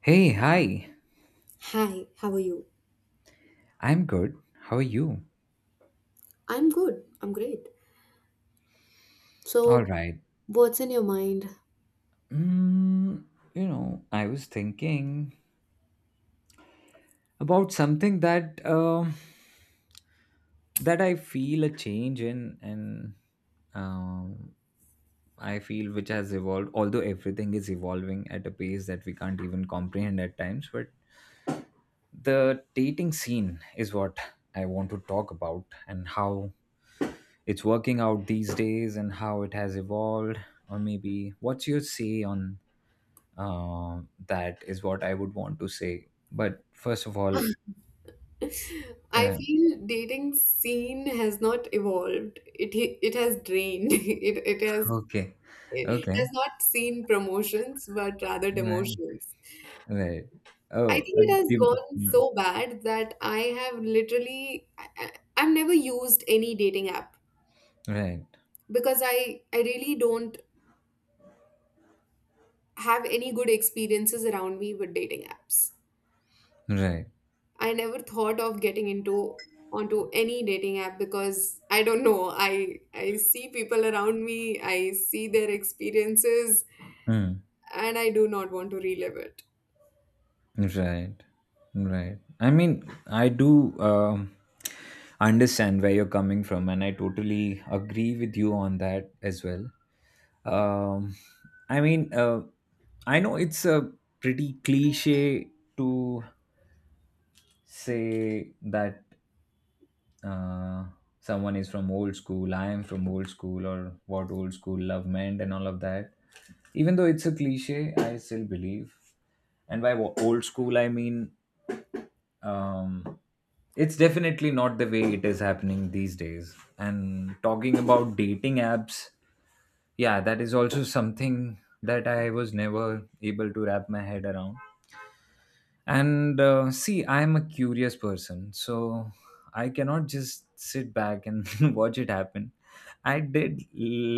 Hey, hi. Hi, how are you? I'm good. How are you? I'm good. I'm great. All So, right. what's in your mind? Mm, you know, I was thinking about something that that I feel a change in, and um, I feel which has evolved. Although everything is evolving at a pace that we can't even comprehend at times, but the dating scene is what I want to talk about, and how it's working out these days and how it has evolved or maybe what's your say on uh, that is what I would want to say but first of all. I Yeah. feel dating scene has not evolved. It has drained. It it has Okay. it has Okay, not seen promotions, but rather right, demotions. right. I think Oh, it has gone so bad that I have literally I've never used any dating app right, because I really don't have any good experiences around me with dating apps. right. I never thought of getting into onto any dating app because I don't know. I see people around me, I see their experiences, Hmm, and I do not want to relive it. right, right. I mean, I do, um, understand where you're coming from, and I totally agree with you on that as well. um, I mean, I know it's a pretty cliche to say that uh, someone is from old school, I am from old school, or what old school love meant, and all of that. Even though it's a cliche, I still believe. And by old school, I mean, um, it's definitely not the way it is happening these days. And talking about dating apps, yeah, that is also something that I was never able to wrap my head around. And see, I am a curious person, so I cannot just sit back and watch it happen. I did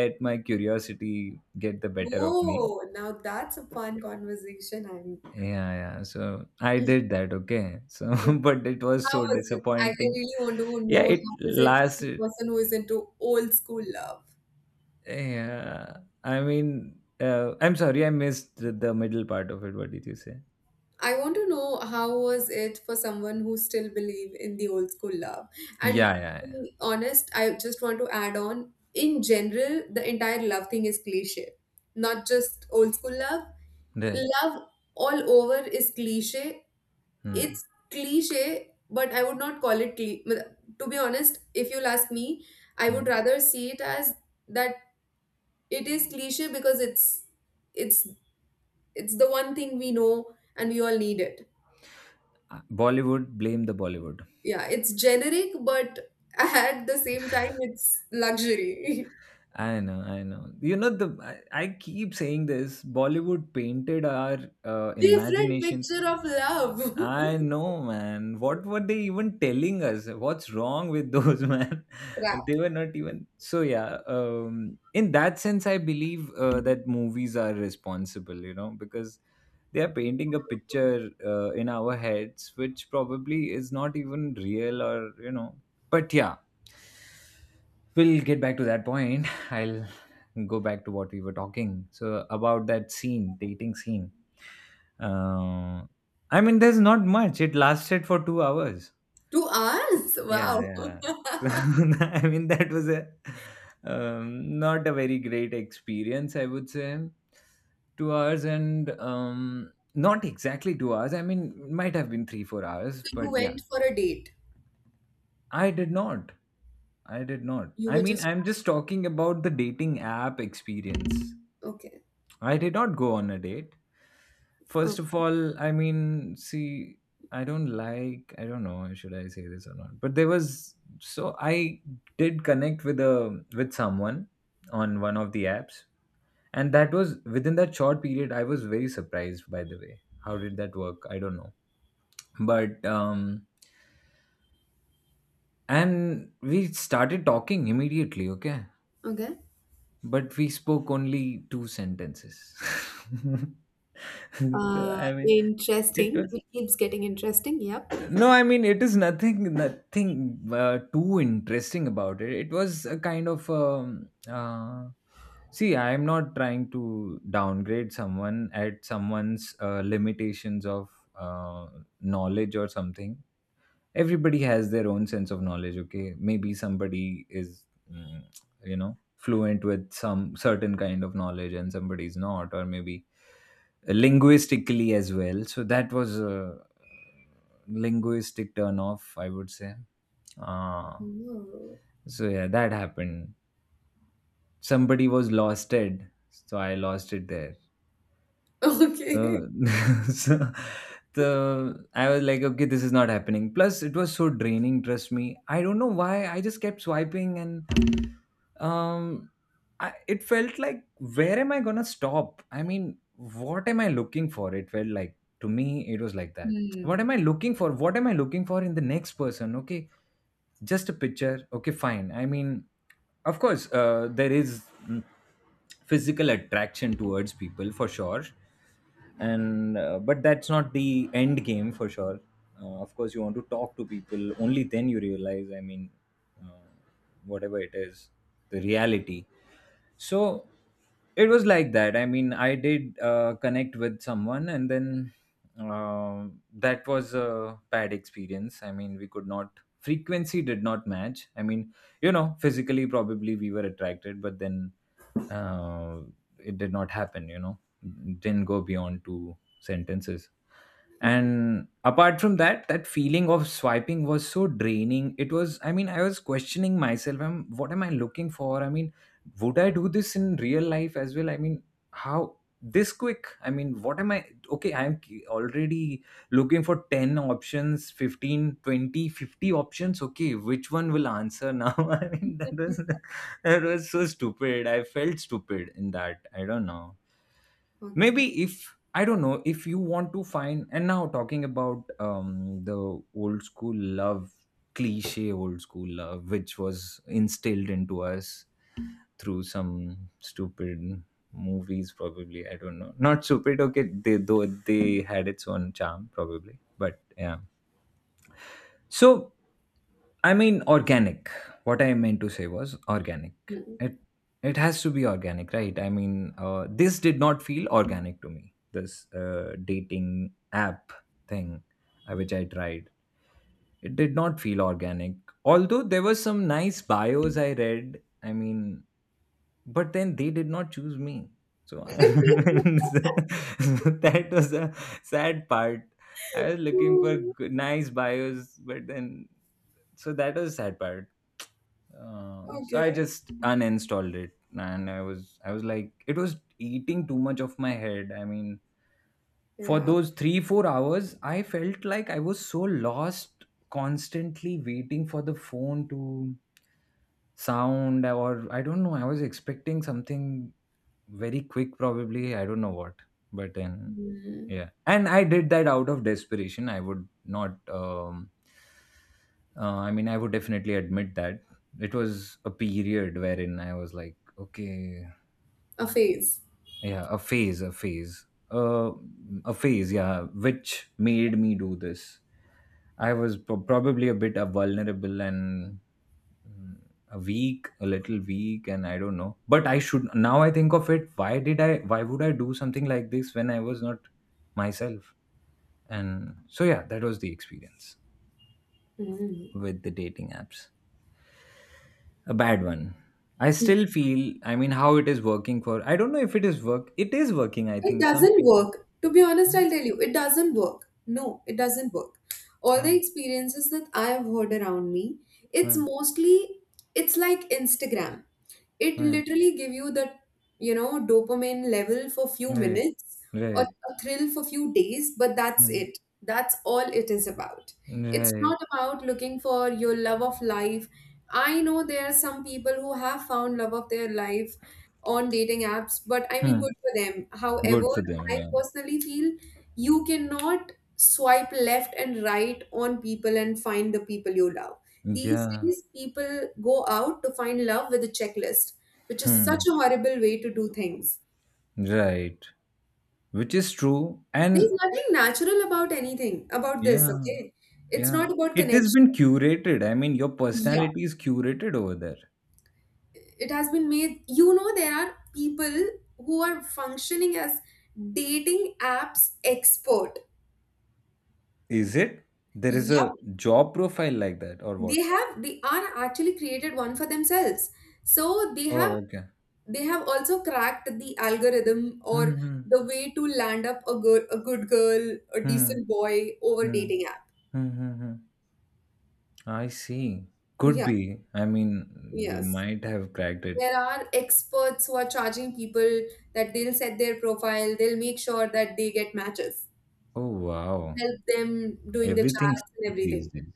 let my curiosity get the better of me. Whoa, now that's a fun conversation. I'm. Yeah, so I did that. Okay, so but it was How so was it? I disappointing. really want to Yeah, know it how is it for lasted. a person who is into old school love. Yeah, I mean, I'm sorry, I missed the middle part of it. What did you say? I want to know how was it for someone who still believe in the old school love. And Yeah, yeah, to yeah. be honest, I just want to add on, in general, the entire love thing is cliche. Not just old school love. Right. Love all over is cliche. Hmm. It's cliche, but I would not call it but, to be honest, if you'll ask me, I would Hmm. rather see it as that it is cliche because it's it's the one thing we know and we all need it. Bollywood, blame the Bollywood. Yeah, it's generic, but at the same time, it's luxury. I know, I know. I keep saying this. Bollywood painted our Different imaginations. picture of love. I know, man. What were they even telling us? What's wrong with those, man? Crap. They were not even. So, yeah, in that sense, I believe that movies are responsible, you know, because they are painting a picture in our heads, which probably is not even real or, you know. But yeah, we'll get back to that point. I'll go back to what we were talking. So, about that scene, dating scene. Uh, I mean, there's not much. It lasted for 2 hours. 2 hours? Yeah, Wow. yeah. So, I mean, that was a, not a very great experience, I would say. 2 hours and not exactly 2 hours. I mean, might have been three, 4 hours, So you but yeah, went for a date. I did not. I did not. You I were mean, just I'm just talking about the dating app experience. okay. I did not go on a date. First of Okay. all, I mean, see, I don't like, I don't know, should I say this or not? But there was, so I did connect with a with someone on one of the apps, and that was within that short period. I was very surprised, by the way. How did that work? I don't know. But and we started talking immediately. Okay, Okay. but we spoke only two sentences. So, I mean, it Interesting. was, It keeps getting interesting. Yep. no, I mean it is nothing, too interesting about it. It was a kind of see. I am not trying to downgrade someone at someone's limitations of uh, knowledge or something. Everybody has their own sense of knowledge, okay? Maybe somebody is, mm, you know, fluent with some certain kind of knowledge, and somebody is not, or maybe linguistically as well. So that was a linguistic turn off, I would say. uh, Oh. so yeah, that happened. Somebody was lost it, so I lost it there. Okay. Uh, so the I was like, okay, this is not happening. Plus, it was so draining. Trust me. I don't know why. I just kept swiping, and um I, it felt like, where am I gonna stop? I mean, what am I looking for? It felt like to me, it was like that. What Hmm. am I looking for? What am I looking for in the next person? Okay, just a picture. Okay, fine. I mean, of course there is, physical attraction towards people for sure, and but that's not the end game for sure. Of course you want to talk to people, only then you realize, I mean, uh, whatever it is, the reality. So it was like that. I mean, I did connect with someone, and then that was a bad experience. I mean, we could not, frequency did not match. I mean, you know, physically probably we were attracted, but then uh, it did not happen, you know. Didn't go beyond two sentences. And apart from that, that feeling of swiping was so draining. It was, I mean, I was questioning myself. I'm, what am I looking for? I mean, would I do this in real life as well? I mean, how this quick? I mean, what am I? Okay, I'm already looking for 10 options, 15, 20, 50 options. Okay, which one will answer now? I mean, that was, so stupid. I felt stupid in that. I don't know. Okay. Maybe if. I don't know if you want to find. And now talking about the old school love, cliche old school love, which was instilled into us through some stupid movies probably, I don't know, not stupid, okay, they though they had its own charm probably, but yeah. So I mean, organic, what I meant to say was organic. No. It has to be organic, right? I mean, this did not feel organic to me, this dating app thing, which I tried. It did not feel organic, although there were some nice bios I read, I mean, but then they did not choose me. So I that was a sad part. I was looking for good, nice bios, but then, so that was a sad part. So I Okay. just uninstalled it, and I was like, it was eating too much of my head. I mean, for Yeah. those 3 4 hours, I felt like I was so lost, constantly waiting for the phone to sound, or I don't know. I was expecting something very quick probably, I don't know what. But then Mm. yeah, and I did that out of desperation. I would not, I mean, I would definitely admit that it was a period wherein I was like, okay, A phase. yeah, a phase, a phase, yeah, which made me do this. I was probably a bit vulnerable and, Mm, a week, a little week, and I don't know, but I should, now I think of it, why did I, why would I do something like this when I was not myself? And so yeah, that was the experience Mm. with the dating apps, a bad one. I still feel, I mean, how it is working for, I don't know if it is work, it is working, I It think some doesn't people. work. To be honest, I'll tell you, it doesn't work. No, it doesn't work. All the Oh, experiences that I have heard around me, it's oh, mostly, it's like Instagram. It right, literally give you the dopamine level for few right, minutes or right. a thrill for few days, but that's Hmm, it. That's all it is about. It's not right. about looking for your love of life. I know there are some people who have found love of their life on dating apps, but I mean, Hmm. good for them. However, Good for them, I yeah, personally feel you cannot swipe left and right on people and find the people you love. These yeah. days, people go out to find love with a checklist, which is such Hmm. a horrible way to do things. Right, which is true. There's And nothing natural about anything about this, yeah, okay? It's yeah. not about It has connection. been curated. I mean, your Yeah, personality is curated over there. it has been made. There are people who are functioning as dating apps expert. Is it? There is Yeah. a job profile like that, or what? They have they are actually created one for themselves, so they have Oh, okay. they have also cracked the algorithm or Hmm. the way to land up a good girl, a Hmm. decent boy over Hmm. dating app. Hmm. Hmm. hmm. I see. Could Yeah, be. I mean, they yes, might have cracked it. there are experts who are charging people that they'll set their profile, they'll make sure that they get matches, Oh, wow. help them doing the Everything's charts and these everything. days.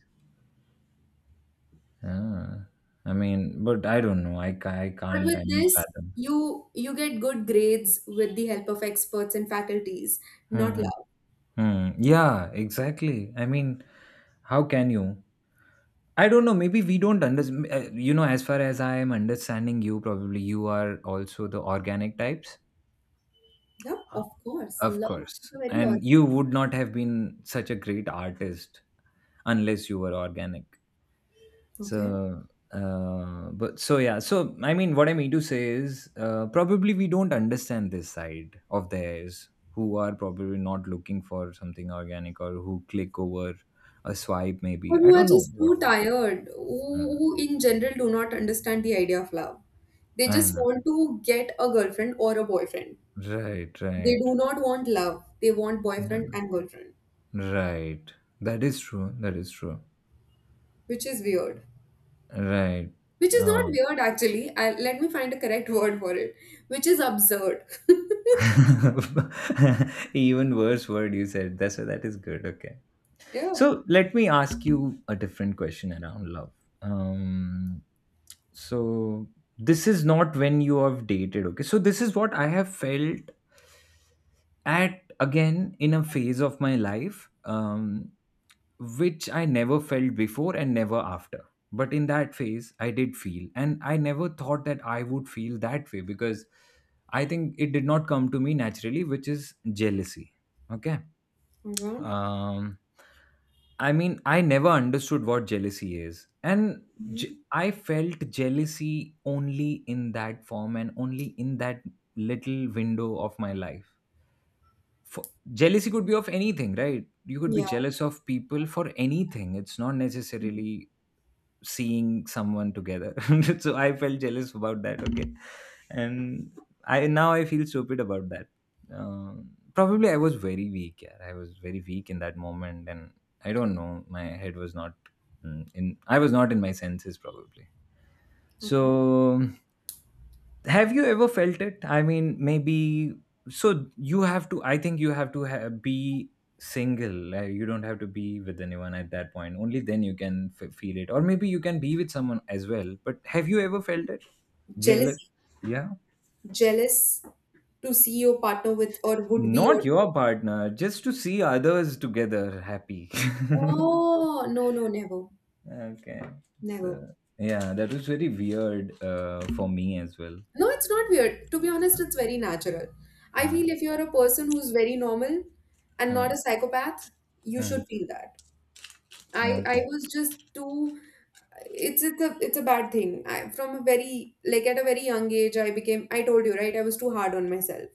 Ah. I mean, but I don't know. I But can't, with I mean, this, fathom. you get good grades with the help of experts and faculties, Hmm. not hmm. luck. Hmm. Yeah, exactly. I mean, how can you? I don't know. Maybe we don't understand. You know, as far as I am understanding you, probably you are also the organic types. Yeah, Uh, of course. Of Love is course. a very odd. And you would not have been such a great artist unless you were organic. Okay. So, but so yeah. So, I mean, what I mean to say is probably we don't understand this side of theirs who are probably not looking for something organic, or who click over a swipe, Or maybe. I who are don't know just too what was. tired, Uh, who in general do not understand the idea of love. They I don't just know. want to get a girlfriend or a boyfriend. Right, They right. do not want love. They want Yeah. boyfriend and girlfriend, Right. That is true. That is true. which is weird. Right. Which is not Uh, weird actually. Let me find a correct word for it, which is absurd. even worse word you said. That's, that is good. Okay. Yeah. So let me ask you a different question around love. Um, so this is not when you have dated. Okay. So this is what I have felt at, again, in a phase of my life, which I never felt before and never after. But in that phase, I did feel, and I never thought that I would feel that way, because I think it did not come to me naturally, which is jealousy. Okay. Okay. Um, I mean, I never understood what jealousy is. And Hmm. I felt jealousy only in that form and only in that little window of my life. For jealousy could be of anything, right? You could be Yeah. jealous of people for anything. It's not Mhm. necessarily seeing someone together. So I felt jealous about that, okay. And I now I feel stupid about that. Probably I was very weak. Yeah, I was very weak in that moment. And I don't know, my head was not in I was not in my senses probably. Okay. So have you ever felt it? I mean, maybe so you have to, I think you have to be single, you don't have to be with anyone at that point. Only then you can feel it. Or maybe you can be with someone as well, but have you ever felt it? Jealous? Jealousy. Yeah. Jealous to see your partner with or would be or. Not your partner, just to see others together happy. Oh, no, no, never, Okay. So never. yeah, that was very weird, for me as well. No, it's not weird. To be honest, it's very natural. I Uh, feel if you're a person who's very normal and uh, not a psychopath, you uh, should feel that. I okay, was just too. It's a bad thing. From a very at a very young age I told you, right? I was too hard on myself.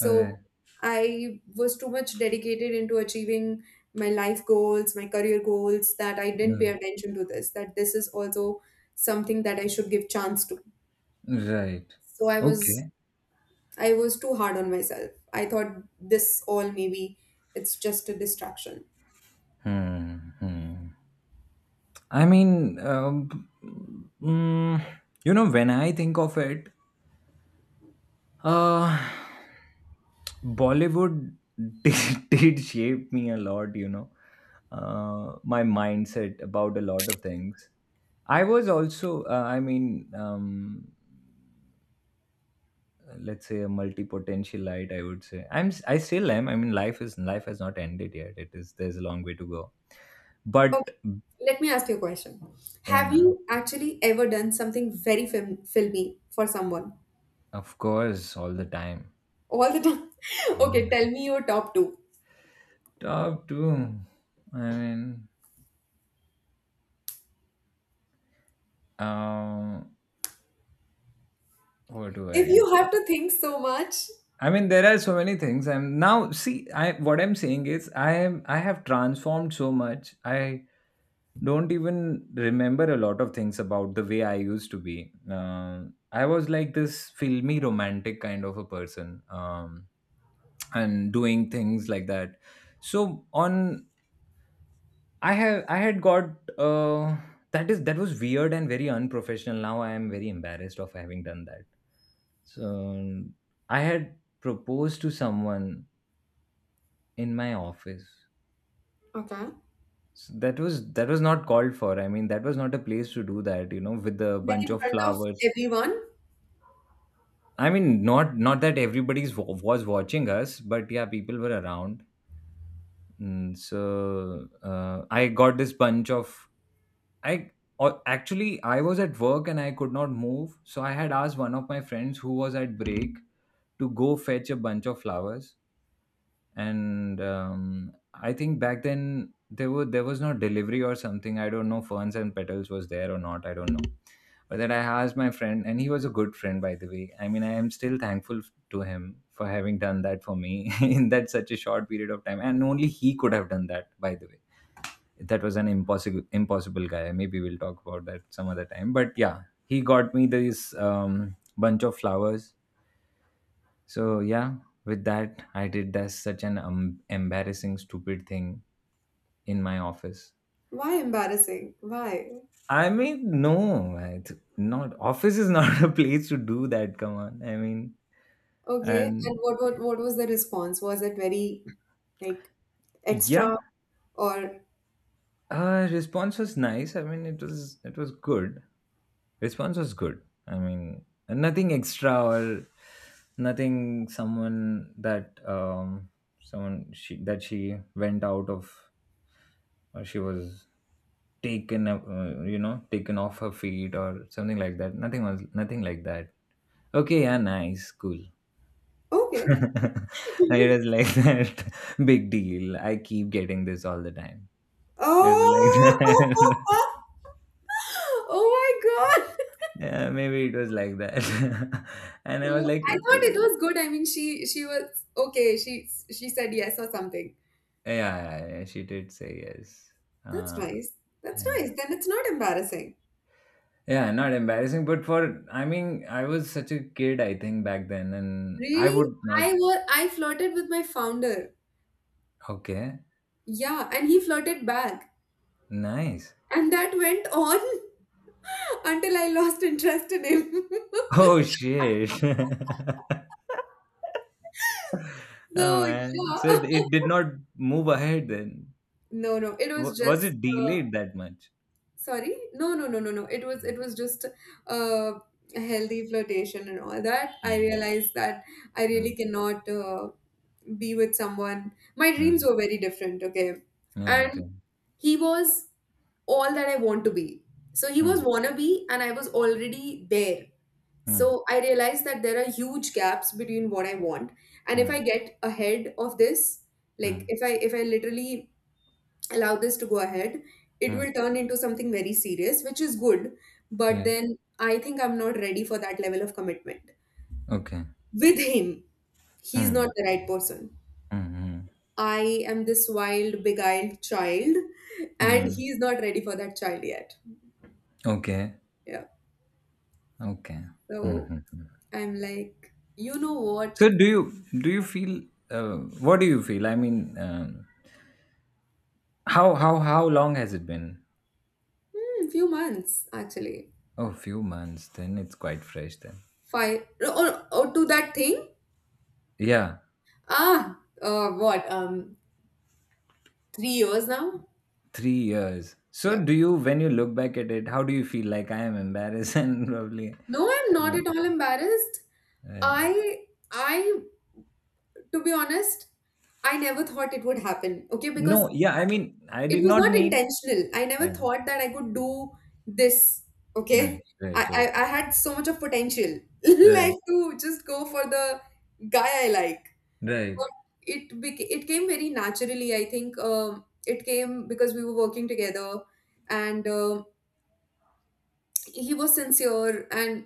all right. I was too much dedicated into achieving my life goals, my career goals, that I didn't pay No. attention to this, that this is also something that I should give chance to. Right. So i was Okay. i was too hard on myself. I thought this all maybe it's just a distraction. Hmm, hmm. I mean, mm, you know, when I think of it, uh, Bollywood did, did shape me a lot, you know, my mindset about a lot of things. I was also, I mean, let's say a multi-potentialite, I would say. I still am. I mean, life is life has not ended yet. It is there's a long way to go. But Okay, let me ask you a question. Have yeah, you actually ever done something very filmy for someone of course, all the time. all the time? Okay, tell me your top two. Top two. I mean, um, what do I If you recall? have to think so much, I mean, there are so many things. I'm now see. I what I'm saying is, I am I have transformed so much. I don't even remember a lot of things about the way I used to be. I was like this filmy romantic kind of a person. And doing things like that so on. I have I had got uh that is that was weird and very unprofessional. Now I am very embarrassed of having done that. So I had proposed to someone in my office. okay, So that was not called for. I mean, that was not a place to do that, you know, with a like bunch in of front of flowers. everyone, I mean, not not that everybody's was watching us, but yeah, people were around. So I got this bunch of I or actually I was at work and I could not move, so I had asked one of my friends who was at break to go fetch a bunch of flowers. And I think back then there were there was no delivery or something. I don't know Ferns and Petals was there or not. I don't know. But then I asked my friend, and he was a good friend, by the way. I mean, I am still thankful to him for having done that for me in that such a short period of time, and only he could have done that, by the way. That was an impossible impossible guy. Maybe we'll talk about that some other time. But yeah, he got me this bunch of flowers. So yeah, with that I did that such an embarrassing stupid thing in my office. why embarrassing? Why? I mean, no, it's not, office is not a place to do that. Come on, I mean. Okay, and And what was the response? Was it very like extra yeah, or response was nice. I mean, it was good. Response was good. I mean, nothing extra or nothing someone that someone she that she went out of or she was taken you know, taken off her feet or something like that. Nothing was nothing like that. Okay, yeah, nice, cool. okay? It was like that, big deal. I keep getting this all the time. It was like that. Oh, oh my God! Yeah, maybe it was like that. And I was So like, I okay. thought it was good. I mean, she was okay. She said yes or something. Yeah, yeah, she did say yes. That's Uh, nice. That's yeah, nice. Then it's not embarrassing. yeah, not embarrassing, but for I mean, I was such a kid, I think back then, and I Really, would not. I flirted with my founder. Okay, Yeah, and he flirted back, nice. and that went on until I lost interest in him. Oh shit. Oh So man, so yeah. it did not move ahead then. No, no, it was Was just it delayed that much? sorry. No, no, no, no, no. It was just uh, a healthy flirtation and all that. I Mm, realized that I really mm, cannot be with someone. My dreams mm, were very different, okay? Right. And he was all that I want to be. So he was wannabe, and I was already there. mm, So I realized that there are huge gaps between what I want. And if I mm, get ahead of this, like mm, if I literally allow this to go ahead, it mm, will turn into something very serious, which is good. But right. then I think I'm not ready for that level of commitment. Okay. With him, he's not Mm, the right person. mm, I am this wild, beguiled child, and mm. he's not ready for that child yet. Okay. Yeah. Okay. So Mhm. I'm like, you know what? So do you feel uh, what do you feel? I mean, how long has it been? Hmm, few months actually. Oh, few months. Then it's quite fresh. Then Five or to that thing. yeah, Ah, what? 3 years now. 3 years. So Yeah. do you when you look back at it, how do you feel? Like I am embarrassed and probably No, I'm I not want at all to. embarrassed. Right. I I To be honest, I never thought it would happen. Okay, because No, yeah. I mean, I it did was not not mean. intentional. I never Yeah. thought that I could do this. Right. Okay. Right. I, Right. I, I had so much of potential, Right. like to just go for the guy I like. Right. But it came very naturally. I think it came because we were working together, and he was sincere. And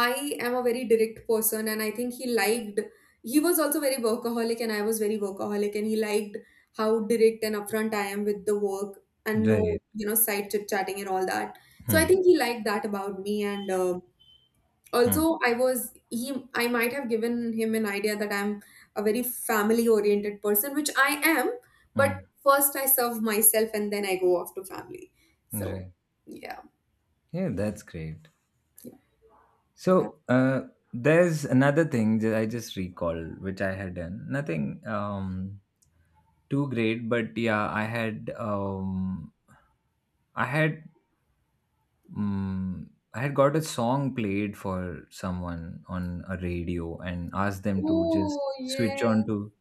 I am a very direct person, and I think he liked. He was also very workaholic, and I was very workaholic, and he liked how direct and upfront I am with the work, and no Right. Side chit chatting and all that. So I Hmm. think he liked that about me. And Hmm. also I was he I might have given him an idea that I'm a very family oriented person, which I am. But Hmm. first I serve myself and then I go off to family. So Right. yeah, Yeah, that's great. yeah. So there's another thing that I just recall, which I had done. Nothing too great, but yeah, I had I had I had got a song played for someone on a radio and asked them to just Oh, switch yes, on to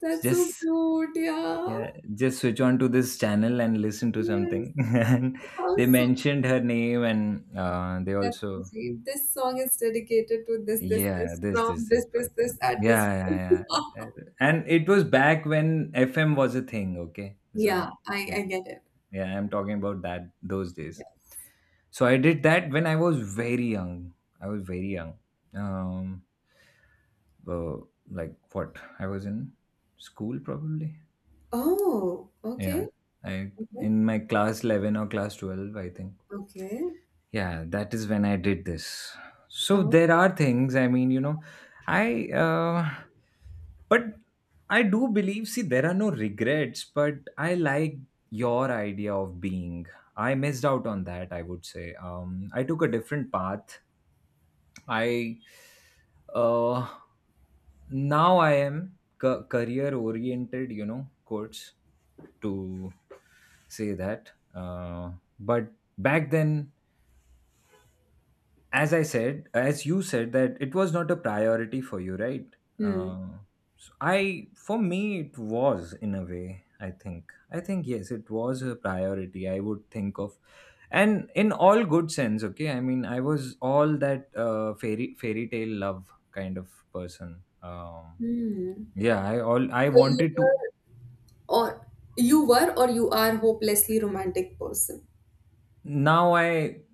that's just so cute. Yeah, yeah just switch on to this channel and listen to yes, something and how they sweet. mentioned her name and they That's so also. sweet. This song is dedicated to this, this, Yeah, this, this from this this, this this, this, person. at this Yeah, place. yeah, yeah. And it was back when FM was a thing, okay? Yeah, So, I yeah. get it. Yeah, I'm talking about that those days. Yes. So I did that when I was very young. I was very young. Um, well, like what? I was in school probably. Oh, Yeah. okay. I Okay. in my class 11 or class 12, I think. Okay. Yeah, that is when I did this. So Oh. there are things, I mean, you know, I, uh, but I do believe, see, there are no regrets, but I like your idea of being. I missed out on that, I would say. I took a different path. I, uh, now I am career oriented, you know, quotes to say that. But back then, as I said, as you said, that it was not a priority for you, right? Hmm. Uh, so I, for me, it was in a way. I think yes, it was a priority. I would think of, and in all good sense. Okay, I mean, I was all that fairy fairy tale love kind of person. Hmm. Yeah, I all I So you wanted to. or you were or you are hopelessly romantic person. Now I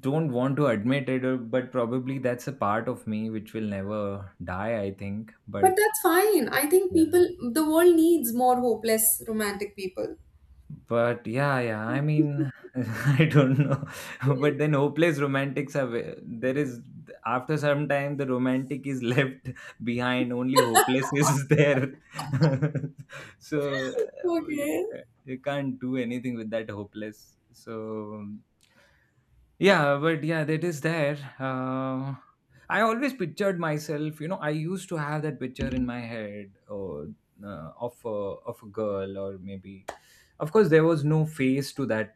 don't want to admit it, but probably that's a part of me which will never die. I think, but. But that's fine. I think Yeah. people, the world needs more hopeless romantic people. But yeah, yeah, I mean, I don't know. But then hopeless romantics are there is after some time the romantic is left behind, only hopeless is there. So you Okay. You can't do anything with that hopeless. So yeah, but yeah, that is there. I always pictured myself, you know, I used to have that picture in my head or, of a girl or maybe, of course, there was no face to that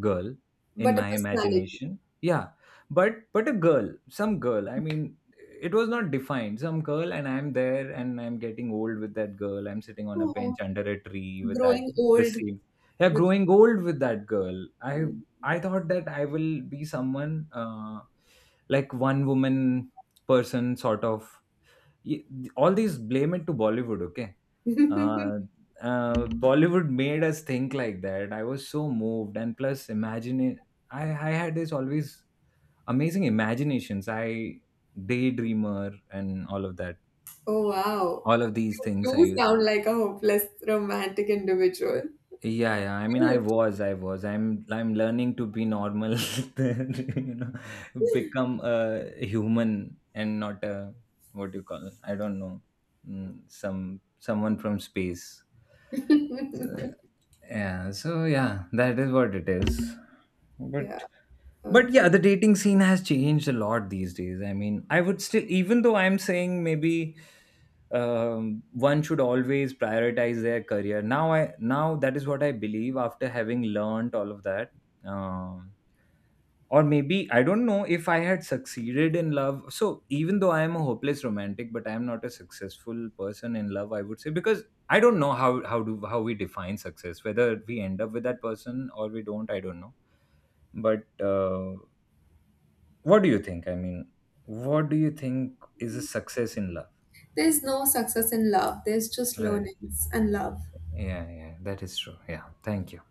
girl in But a my personality. imagination. Yeah, but a girl, some girl, I mean, it was not defined, some girl and I'm there and I'm getting old with that girl, I'm sitting on a Oh, bench under a tree with that growing the old same. Yeah, with growing old with that girl. i you. I thought that I will be someone, like one woman person sort of. y- all these blame it to Bollywood, okay? Uh, uh, Bollywood made us think like that. I was so moved, and plus, imagine it. I had this always amazing imaginations. I daydreamer and all of that. Oh, wow. All of these things I Do used. sound like a hopeless romantic individual. Yeah, yeah. I mean, I Cute. was, I was. I'm learning to be normal, you know, become a human and not a what do you call? It? I don't know, some someone from space. So, yeah, so yeah, that is what it is. But Yeah, but okay. yeah, the dating scene has changed a lot these days. I mean, I would still, even though I'm saying maybe one should always prioritize their career. Now I now that is what I believe after having learned all of that. Um or maybe I don't know if I had succeeded in love. So even though I am a hopeless romantic, but I am not a successful person in love, I would say because I don't know how do how we define success, whether we end up with that person or we don't, I don't know. But uh, what do you think? I mean, what do you think is a success in love? There's no success in love. There's just Right. loneliness and love. Yeah, yeah, that is true, yeah. Thank you.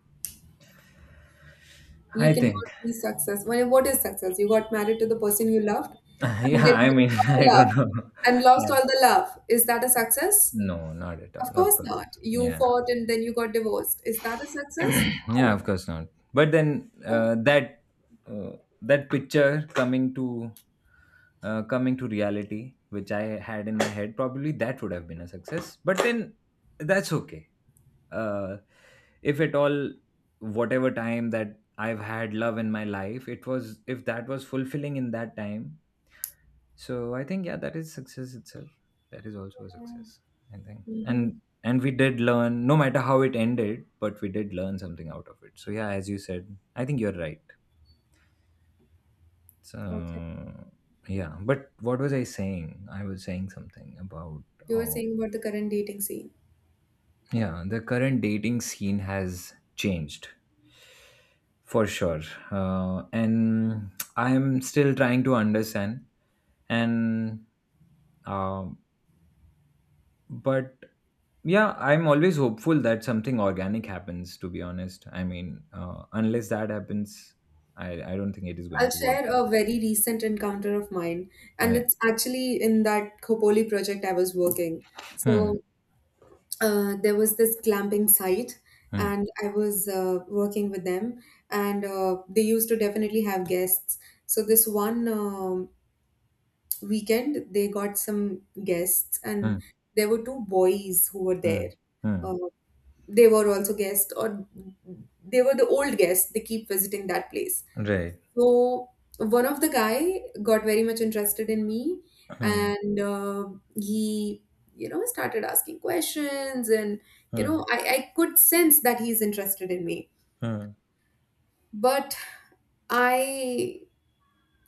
You I think cannot be success. Well, what is success? You got married to the person you loved and yeah, then I mean lost all I the love don't know and lost yeah. all the love. Is that a success? No, not at Of all, of course course. not. You Yeah. fought and then you got divorced. Is that a success? Yeah, No. of course not. But then Oh, that uh, that picture coming to coming to reality which I had in my head probably that would have been a success. But then that's okay. uh, if at all whatever time that I've had love in my life, it was if that was fulfilling in that time, so I think yeah, that is success itself. That is also a success, I think. Mm-hmm. And we did learn, no matter how it ended, but we did learn something out of it. So yeah, as you said, I think you're right. Okay. So yeah, but what was I saying? I was saying something about You were oh saying about the current dating scene. yeah, the current dating scene has changed for sure, and I'm still trying to understand. And um, but yeah, I'm always hopeful that something organic happens, to be honest. I mean, unless that happens, I don't think it is I'll going to work share for a me. very recent encounter of mine, and Right. it's actually in that Khopoli project I was working. Hmm, So there was this glamping site, hmm, and I was working with them, and they used to definitely have guests. So this one weekend, they got some guests, and hmm, there were two boys who were hmm, there. hmm. Uh, they were also guests or they were the old guests they keep visiting that place. Right. So one of the guy got very much interested in me. Hmm, And he started asking questions. And hmm, I could sense that he's interested in me. hmm, But I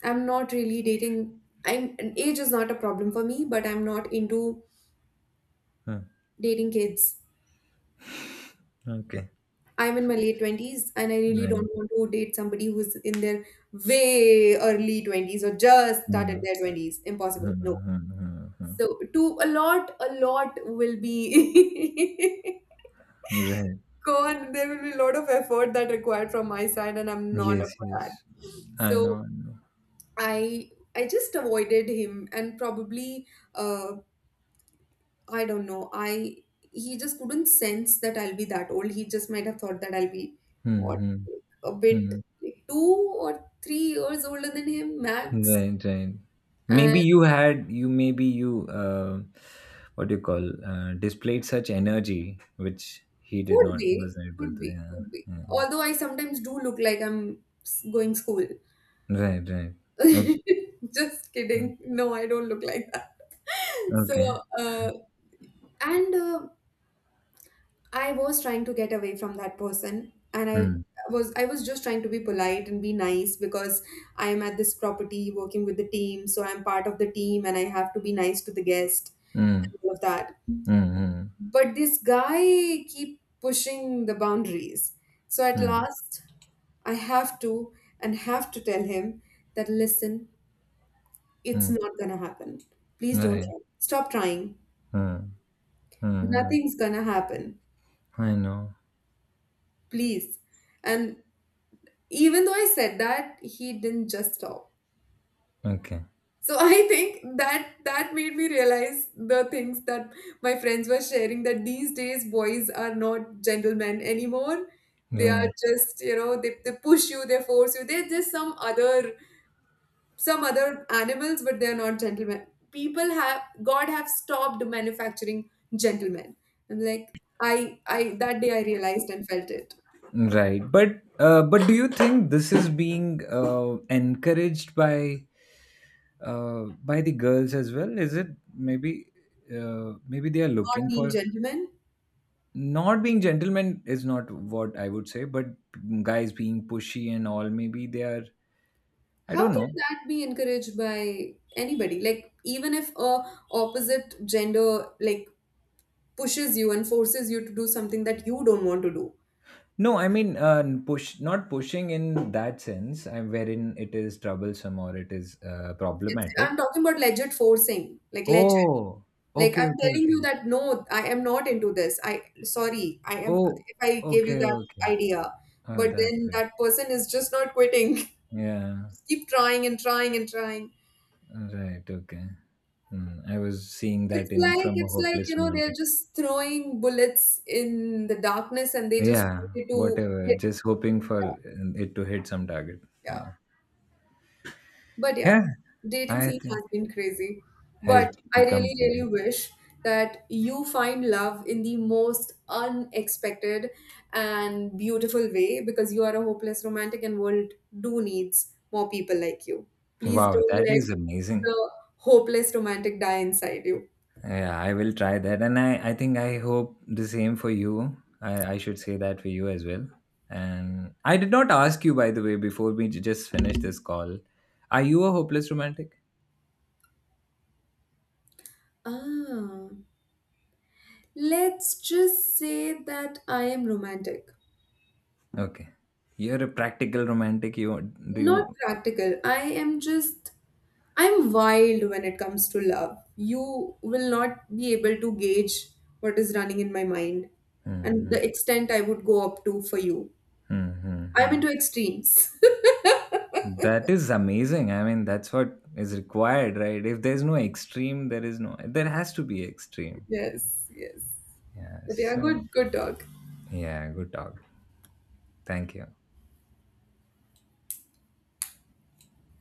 am not really dating. I'm Age is not a problem for me, but I'm not into hmm. dating kids. Okay. I'm in my late 20s and I really don't Right. want to date somebody who's in their way early 20s or just Hmm, started their 20s. Impossible. hmm, No. hmm, hmm, hmm, So, to a lot will be hmm. Right. gone. There will be a lot of effort that required from my side, and I'm not up Yes, for yes. that. I know, So, I know. I I just avoided him and probably uh, I don't know. I He just couldn't sense that I'll be that old. He just might have thought that I'll be what Hmm, hmm, like, a bit hmm. like 2 or 3 years older than him max. Right, right. And Maybe you had you maybe you what do you call displayed such energy which he did could not be, was not able could to. be, Yeah, could be. yeah. Although I sometimes do look like I'm going school. Right, right. Okay, Just kidding. No, I don't look like that. So okay. uh, and I was trying to get away from that person. And I Hmm. was I was just trying to be polite and be nice because I am at this property working with the team, so I'm part of the team and I have to be nice to the guest Hmm. and all of that. Hmm. Hmm. But this guy keep pushing the boundaries. So at Hmm, last I have to and have to tell him that listen, it's hmm. not gonna happen. Please don't Right. try. Stop trying. Hmm. Hmm, hmm. Nothing's gonna happen. I know. Please. And even though I said that, he didn't just stop. Okay. So I think that that made me realize the things that my friends were sharing, that these days boys are not gentlemen anymore, they are Right. just they push you, they force you, they're just some other animals, but they're not gentlemen. People have God have stopped manufacturing gentlemen. I'm like, I that day I realized and felt it. Right. But do you think this is being encouraged by the girls as well? Is it maybe maybe they are Not looking being for gentlemen. not being gentlemen is not what I would say, but guys being pushy and all. Maybe they are. I How don't can know. that be encouraged by anybody? Like even if a opposite gender like pushes you and forces you to do something that you don't want to do. No, I mean push, not pushing in that sense, wherein it is troublesome or it is I'm problematic. talking about legit forcing, like legit. Oh, Like okay, I'm okay, telling you okay. that no, I am not into this. I Sorry, I am Oh, if I gave you okay, that okay. idea, Oh, but that then way. that person is just not quitting. Yeah, Just keep trying and trying and trying. right. Okay. Hmm, I was seeing It's that in like from a it's like, hopeless they're romantic. just throwing bullets in the darkness and they just Yeah, wanted to. Yeah, whatever. Just hoping for it to hit some target. yeah. Yeah. But yeah, Yeah, dating I scene think has been crazy. has But I really, become really crazy. wish that you find love in the most unexpected and beautiful way because you are a hopeless romantic and world do needs more people like you. Please Wow, don't that let is amazing. the hopeless romantic die inside you. Yeah, I will try that. And I think I hope the same for you. I should say that for you as well. And I did not ask you, by the way, before we just finish this call. Are you a hopeless romantic? Ah, let's just say that I am romantic. Okay. You're a practical romantic. You do Not you? practical. I'm wild when it comes to love. You will not be able to gauge what is running in my mind and the extent I would go up to for you. I'm Hmm. into extremes. That is amazing. I mean, that's what is required, right? If there's no extreme, there is no, there has to be extreme. Yes, yes. Yeah. But yeah, So, good, good talk. yeah, good talk. Thank you.